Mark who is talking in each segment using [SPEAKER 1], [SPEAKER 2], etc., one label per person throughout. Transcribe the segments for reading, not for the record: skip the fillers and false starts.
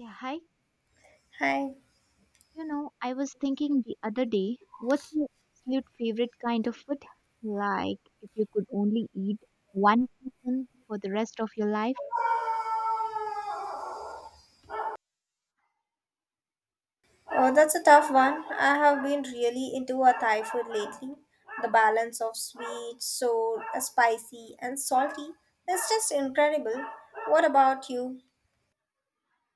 [SPEAKER 1] Yeah, hi.
[SPEAKER 2] Hi.
[SPEAKER 1] You know, I was thinking the other day, what's your absolute favorite kind of food? Like, if you could only eat one person for the rest of your life?
[SPEAKER 2] Oh, that's a tough one. I have been really into a Thai food lately. The balance of sweet, sour, spicy, and salty is just incredible. What about you?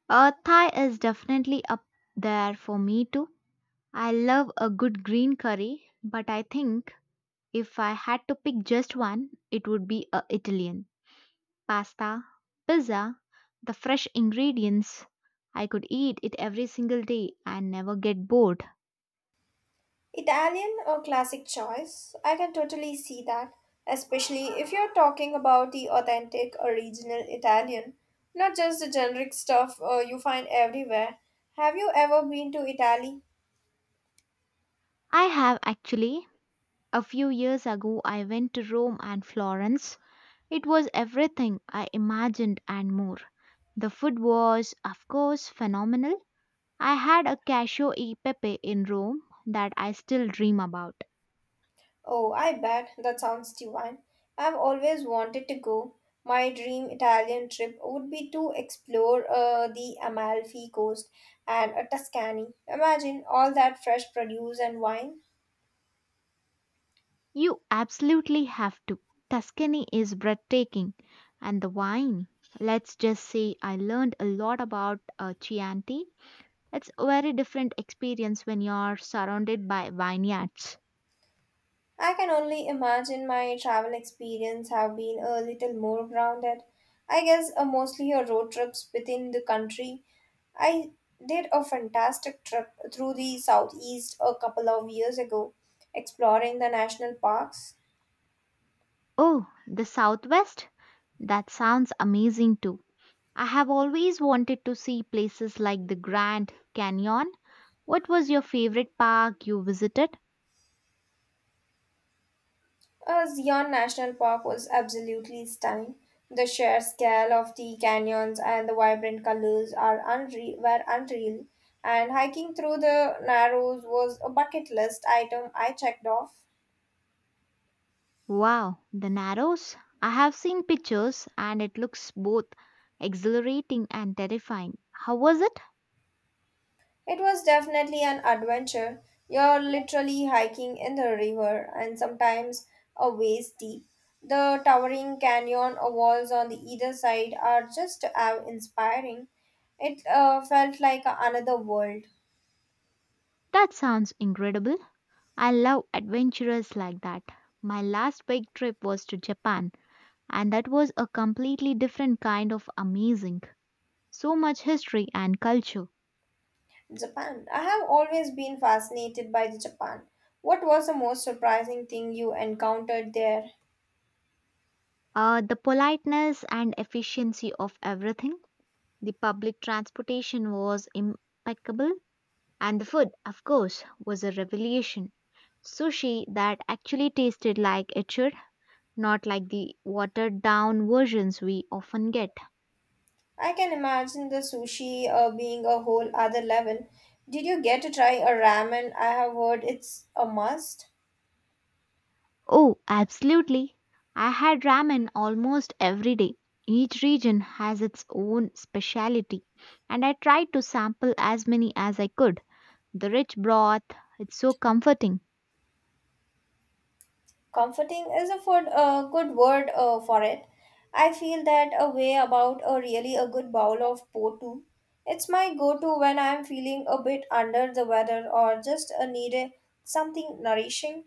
[SPEAKER 1] Thai is definitely up there for me too. I love a good green curry, but I think if I had to pick just one, it would be a Italian. Pasta, pizza, the fresh ingredients. I could eat it every single day and never get bored.
[SPEAKER 2] Italian or classic choice? I can totally see that, especially if you're talking about the authentic original Italian, not just the generic stuff you find everywhere. Have you ever been to Italy?
[SPEAKER 1] I have actually a few years ago, I went to Rome and Florence. It was everything I imagined and more. The food was, of course, phenomenal. I had a cashew e pepe in Rome that I still dream about.
[SPEAKER 2] Oh, I bet. That sounds divine. I've always wanted to go. My dream Italian trip would be to explore the Amalfi Coast and Tuscany. Imagine all that fresh produce and wine.
[SPEAKER 1] You absolutely have to. Tuscany is breathtaking. And the wine. Let's just say I learned a lot about Chianti. It's a very different experience when you're surrounded by vineyards.
[SPEAKER 2] I can only imagine my travel experience have been a little more grounded. I guess mostly road trips within the country. I did a fantastic trip through the southeast a couple of years ago, exploring the national parks.
[SPEAKER 1] Oh, the Southwest? That sounds amazing too. I have always wanted to see places like the Grand Canyon. What was your favorite park you visited?
[SPEAKER 2] Zion National Park was absolutely stunning. The sheer scale of the canyons and the vibrant colors are unreal, were unreal, and hiking through the Narrows was a bucket list item I checked off.
[SPEAKER 1] Wow, the Narrows. I have seen pictures and it looks both exhilarating and terrifying. How was it?
[SPEAKER 2] It was definitely an adventure. You're literally hiking in the river and sometimes a waist deep. The towering canyon walls on the either side are just inspiring. It felt like another world.
[SPEAKER 1] That sounds incredible. I love adventures like that. My last big trip was to Japan and that was a completely different kind of amazing. So much history and culture.
[SPEAKER 2] Japan. I have always been fascinated by the Japan. What was the most surprising thing you encountered there?
[SPEAKER 1] The politeness and efficiency of everything. The public transportation was impeccable. And the food, of course, was a revelation. Sushi that actually tasted like it should, not like the watered down versions we often get.
[SPEAKER 2] I can imagine the sushi being a whole other level. Did you get to try a ramen? I have heard it's a must.
[SPEAKER 1] Oh, absolutely. I had ramen almost every day. Each region has its own specialty, and I tried to sample as many as I could. The rich broth, it's so comforting.
[SPEAKER 2] Comforting is a food, good word for it. I feel that a way about a really a good bowl of po too. It's my go-to when I'm feeling a bit under the weather or just need a, something nourishing.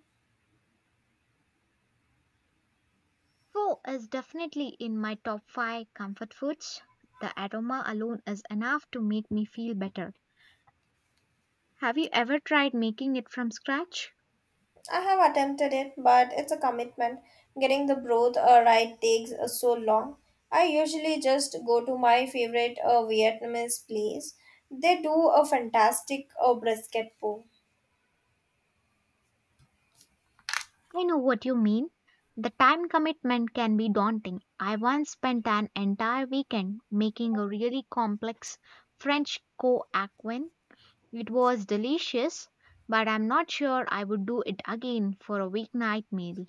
[SPEAKER 1] Pho is definitely in my top 5 comfort foods. The aroma alone is enough to make me feel better. Have you ever tried making it from scratch?
[SPEAKER 2] I have attempted it, but it's a commitment. Getting the broth right takes so long. I usually just go to my favorite Vietnamese place. They do a fantastic brisket po.
[SPEAKER 1] I know what you mean. The time commitment can be daunting. I once spent an entire weekend making a really complex French coaquen. It was delicious, but I'm not sure I would do it again for a weeknight meal.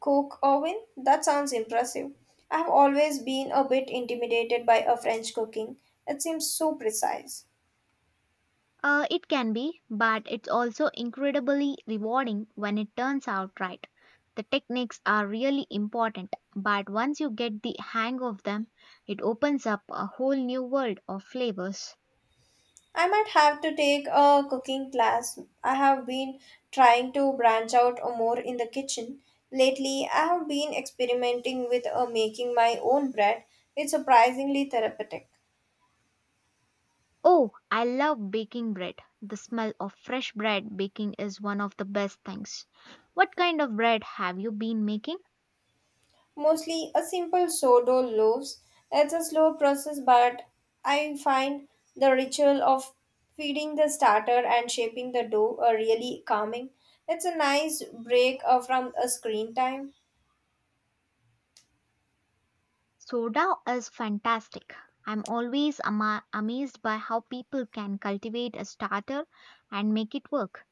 [SPEAKER 2] Cook oven? That sounds impressive. I have always been a bit intimidated by a French cooking. It seems so precise.
[SPEAKER 1] It can be, but it's also incredibly rewarding when it turns out right. The techniques are really important, but once you get the hang of them, it opens up a whole new world of flavors.
[SPEAKER 2] I might have to take a cooking class. I have been trying to branch out more in the kitchen. Lately, I have been experimenting with making my own bread. It's surprisingly therapeutic.
[SPEAKER 1] Oh, I love baking bread. The smell of fresh bread baking is one of the best things. What kind of bread have you been making?
[SPEAKER 2] Mostly a simple sourdough loaves. It's a slow process, but I find the ritual of feeding the starter and shaping the dough are really calming. It's a nice break from a screen time.
[SPEAKER 1] Soda is fantastic. I'm always amazed by how people can cultivate a starter and make it work.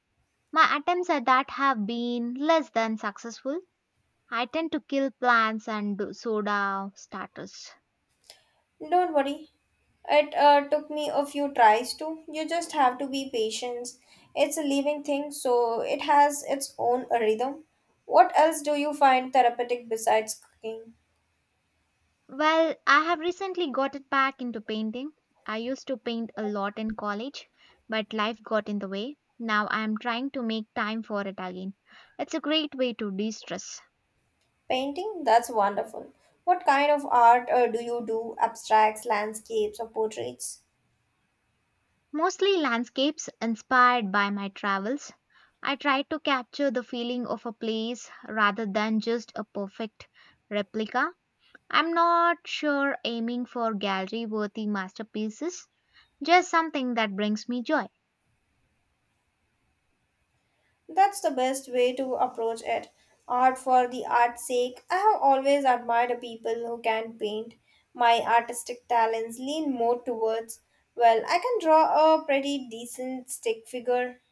[SPEAKER 1] My attempts at that have been less than successful. I tend to kill plants and soda starters.
[SPEAKER 2] Don't worry. It took me a few tries too. You just have to be patient. It's a living thing, so it has its own rhythm. What else do you find therapeutic besides cooking?
[SPEAKER 1] Well, I have recently got it back into painting. I used to paint a lot in college, but life got in the way. Now I am trying to make time for it again. It's a great way to de stress.
[SPEAKER 2] Painting? That's wonderful. What kind of art do you do? Abstracts, landscapes, or portraits?
[SPEAKER 1] Mostly landscapes inspired by my travels. I try to capture the feeling of a place rather than just a perfect replica. I'm not sure aiming for gallery worthy masterpieces, just something that brings me joy.
[SPEAKER 2] That's the best way to approach it. Art for the art's sake. I have always admired people who can paint. My artistic talents lean more towards, well, I can draw a pretty decent stick figure.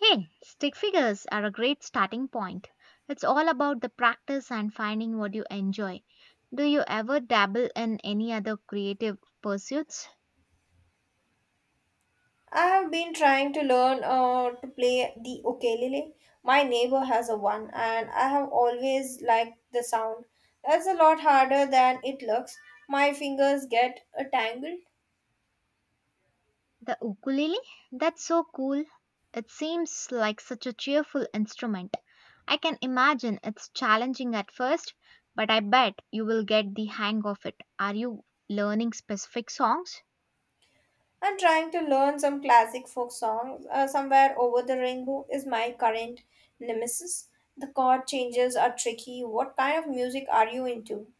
[SPEAKER 1] Hey, stick figures are a great starting point. It's all about the practice and finding what you enjoy. Do you ever dabble in any other creative pursuits?
[SPEAKER 2] I have been trying to learn to play the ukulele. My neighbor has a one, and I have always liked the sound. It's a lot harder than it looks. My fingers get tangled.
[SPEAKER 1] The ukulele? That's so cool. It seems like such a cheerful instrument. I can imagine it's challenging at first, but I bet you will get the hang of it. Are you learning specific songs?
[SPEAKER 2] I'm trying to learn some classic folk songs. Somewhere over the rainbow is my current nemesis. The chord changes are tricky. What kind of music are you into?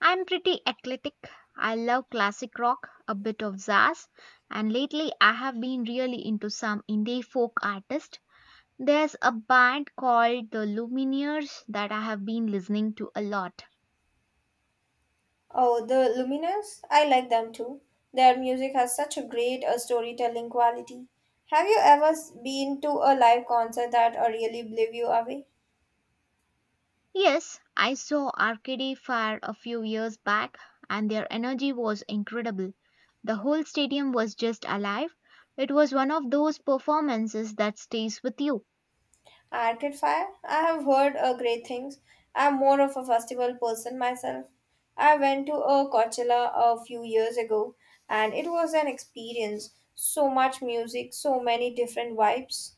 [SPEAKER 1] I'm pretty eclectic. I love classic rock, a bit of jazz, and lately I have been really into some indie folk artists. There's a band called the Lumineers that I have been listening to a lot.
[SPEAKER 2] Oh, the Lumineers? I like them too. Their music has such a great storytelling quality. Have you ever been to a live concert that really blew you away?
[SPEAKER 1] Yes, I saw Arcade Fire a few years back, and their energy was incredible. The whole stadium was just alive. It was one of those performances that stays with you.
[SPEAKER 2] Arcade Fire? I have heard great things. I'm more of a festival person myself. I went to a Coachella a few years ago and it was an experience. So much music, so many different vibes.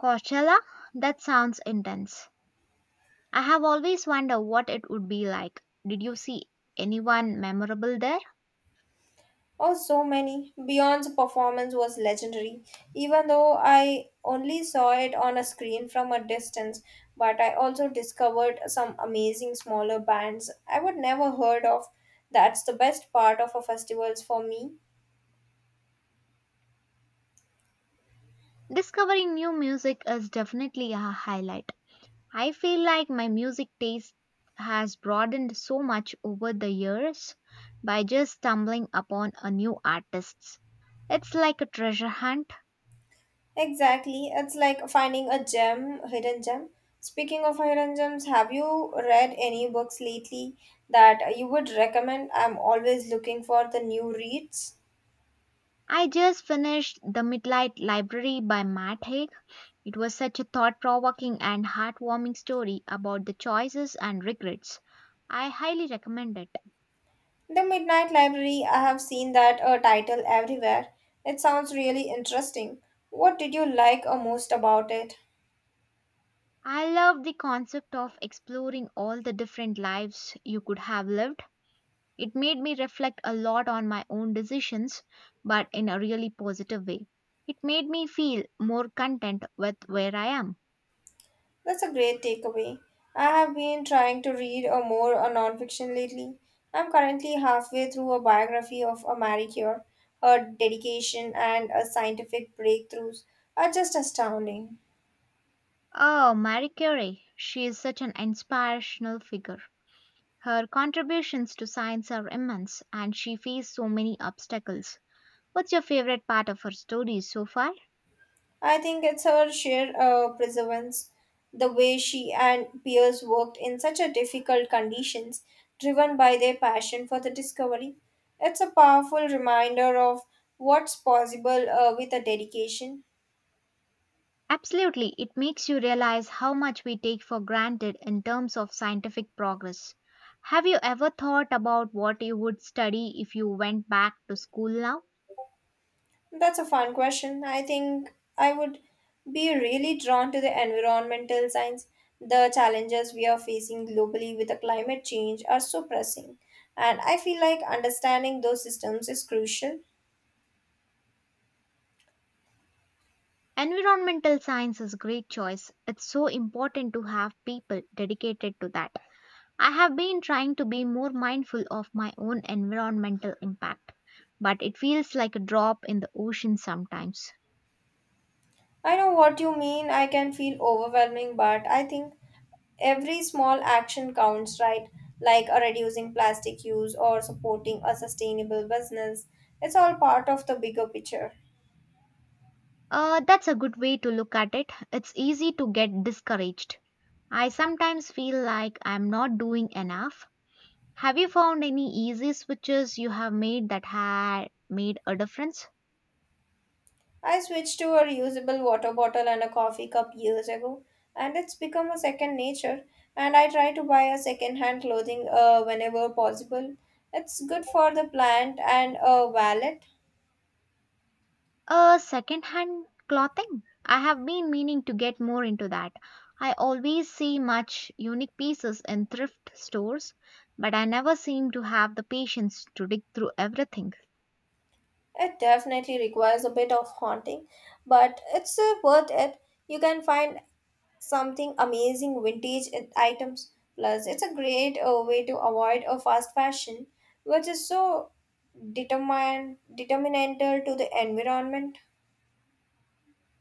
[SPEAKER 1] Coachella? That sounds intense. I have always wondered what it would be like. Did you see anyone memorable there?
[SPEAKER 2] Oh, so many. Beyond's performance was legendary, even though I only saw it on a screen from a distance. But I also discovered some amazing smaller bands I would never heard of. That's the best part of a festivals for me.
[SPEAKER 1] Discovering new music is definitely a highlight. I feel like my music taste has broadened so much over the years by just stumbling upon a new artist. It's like a treasure hunt.
[SPEAKER 2] Exactly. It's like finding a gem, hidden gem. Speaking of hidden gems, have you read any books lately that you would recommend? I'm always looking for the new reads.
[SPEAKER 1] I just finished The Midnight Library by Matt Haig. It was such a thought provoking and heartwarming story about the choices and regrets. I highly recommend it.
[SPEAKER 2] The Midnight Library, I have seen that title everywhere. It sounds really interesting. What did you like most about it?
[SPEAKER 1] I love the concept of exploring all the different lives you could have lived. It made me reflect a lot on my own decisions, but in a really positive way. It made me feel more content with where I am.
[SPEAKER 2] That's a great takeaway. I have been trying to read a more a nonfiction lately. I'm currently halfway through a biography of a Marie Curie, her dedication and her scientific breakthroughs are just astounding.
[SPEAKER 1] Oh, Marie Curie, she is such an inspirational figure. Her contributions to science are immense and she faced so many obstacles. What's your favorite part of her story so far?
[SPEAKER 2] I think it's her sheer perseverance, the way she and peers worked in such a difficult conditions, driven by their passion for the discovery. It's a powerful reminder of what's possible with a dedication.
[SPEAKER 1] Absolutely, it makes you realize how much we take for granted in terms of scientific progress. Have you ever thought about what you would study if you went back to school now?
[SPEAKER 2] That's a fun question. I think I would be really drawn to the environmental science. The challenges we are facing globally with the climate change are so pressing, and I feel like understanding those systems is crucial.
[SPEAKER 1] Environmental science is a great choice. It's so important to have people dedicated to that. I have been trying to be more mindful of my own environmental impact, but it feels like a drop in the ocean sometimes.
[SPEAKER 2] I know what you mean. I can feel overwhelming, but I think every small action counts, right? Like reducing plastic use or supporting a sustainable business. It's all part of the bigger picture.
[SPEAKER 1] That's a good way to look at it. It's easy to get discouraged. I sometimes feel like I'm not doing enough. Have you found any easy switches you have made that had made a difference?
[SPEAKER 2] I switched to a reusable water bottle and a coffee cup years ago, and it's become a second nature. And I try to buy a second-hand clothing whenever possible. It's good for the plant and a wallet.
[SPEAKER 1] Second-hand clothing. I have been meaning to get more into that. I always see much unique pieces in thrift stores, but I never seem to have the patience to dig through everything.
[SPEAKER 2] It definitely requires a bit of haunting, but it's worth it. You can find something amazing vintage items. Plus, it's a great way to avoid a fast fashion, which is so determined determinantal to the environment.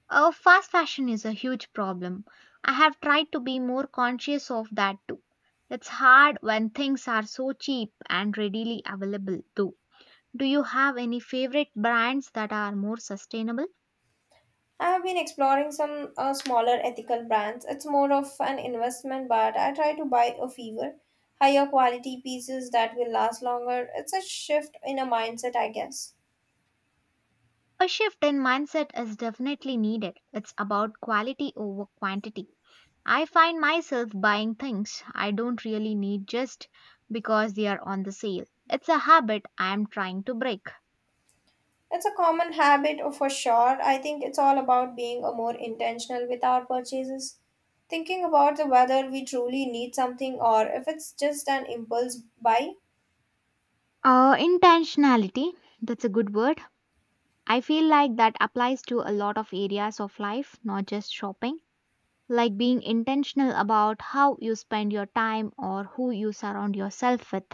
[SPEAKER 1] Oh, fast fashion is a huge problem. I have tried to be more conscious of that too. It's hard when things are so cheap and readily available too. Do you have any favorite brands that are more sustainable?
[SPEAKER 2] I have been exploring some smaller ethical brands. It's more of an investment, but I try to buy a fewer, higher quality pieces that will last longer. It's a shift in a mindset, I guess.
[SPEAKER 1] A shift in mindset is definitely needed. It's about quality over quantity. I find myself buying things I don't really need just because they are on the sale. It's a habit I am trying to break.
[SPEAKER 2] It's a common habit for sure. I think it's all about being a more intentional with our purchases, thinking about the whether we truly need something or if it's just an impulse buy.
[SPEAKER 1] Intentionality, that's a good word. I feel like that applies to a lot of areas of life, not just shopping, like being intentional about how you spend your time or who you surround yourself with.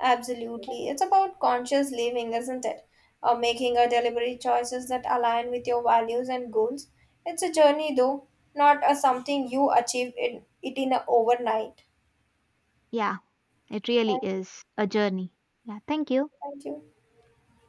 [SPEAKER 2] Absolutely. It's about conscious living, isn't it? Or making a deliberate choices that align with your values and goals. It's a journey though, not a something you achieve in it in a overnight.
[SPEAKER 1] Yeah, it really
[SPEAKER 2] Thank
[SPEAKER 1] is a journey. Yeah, thank you.
[SPEAKER 2] thank you.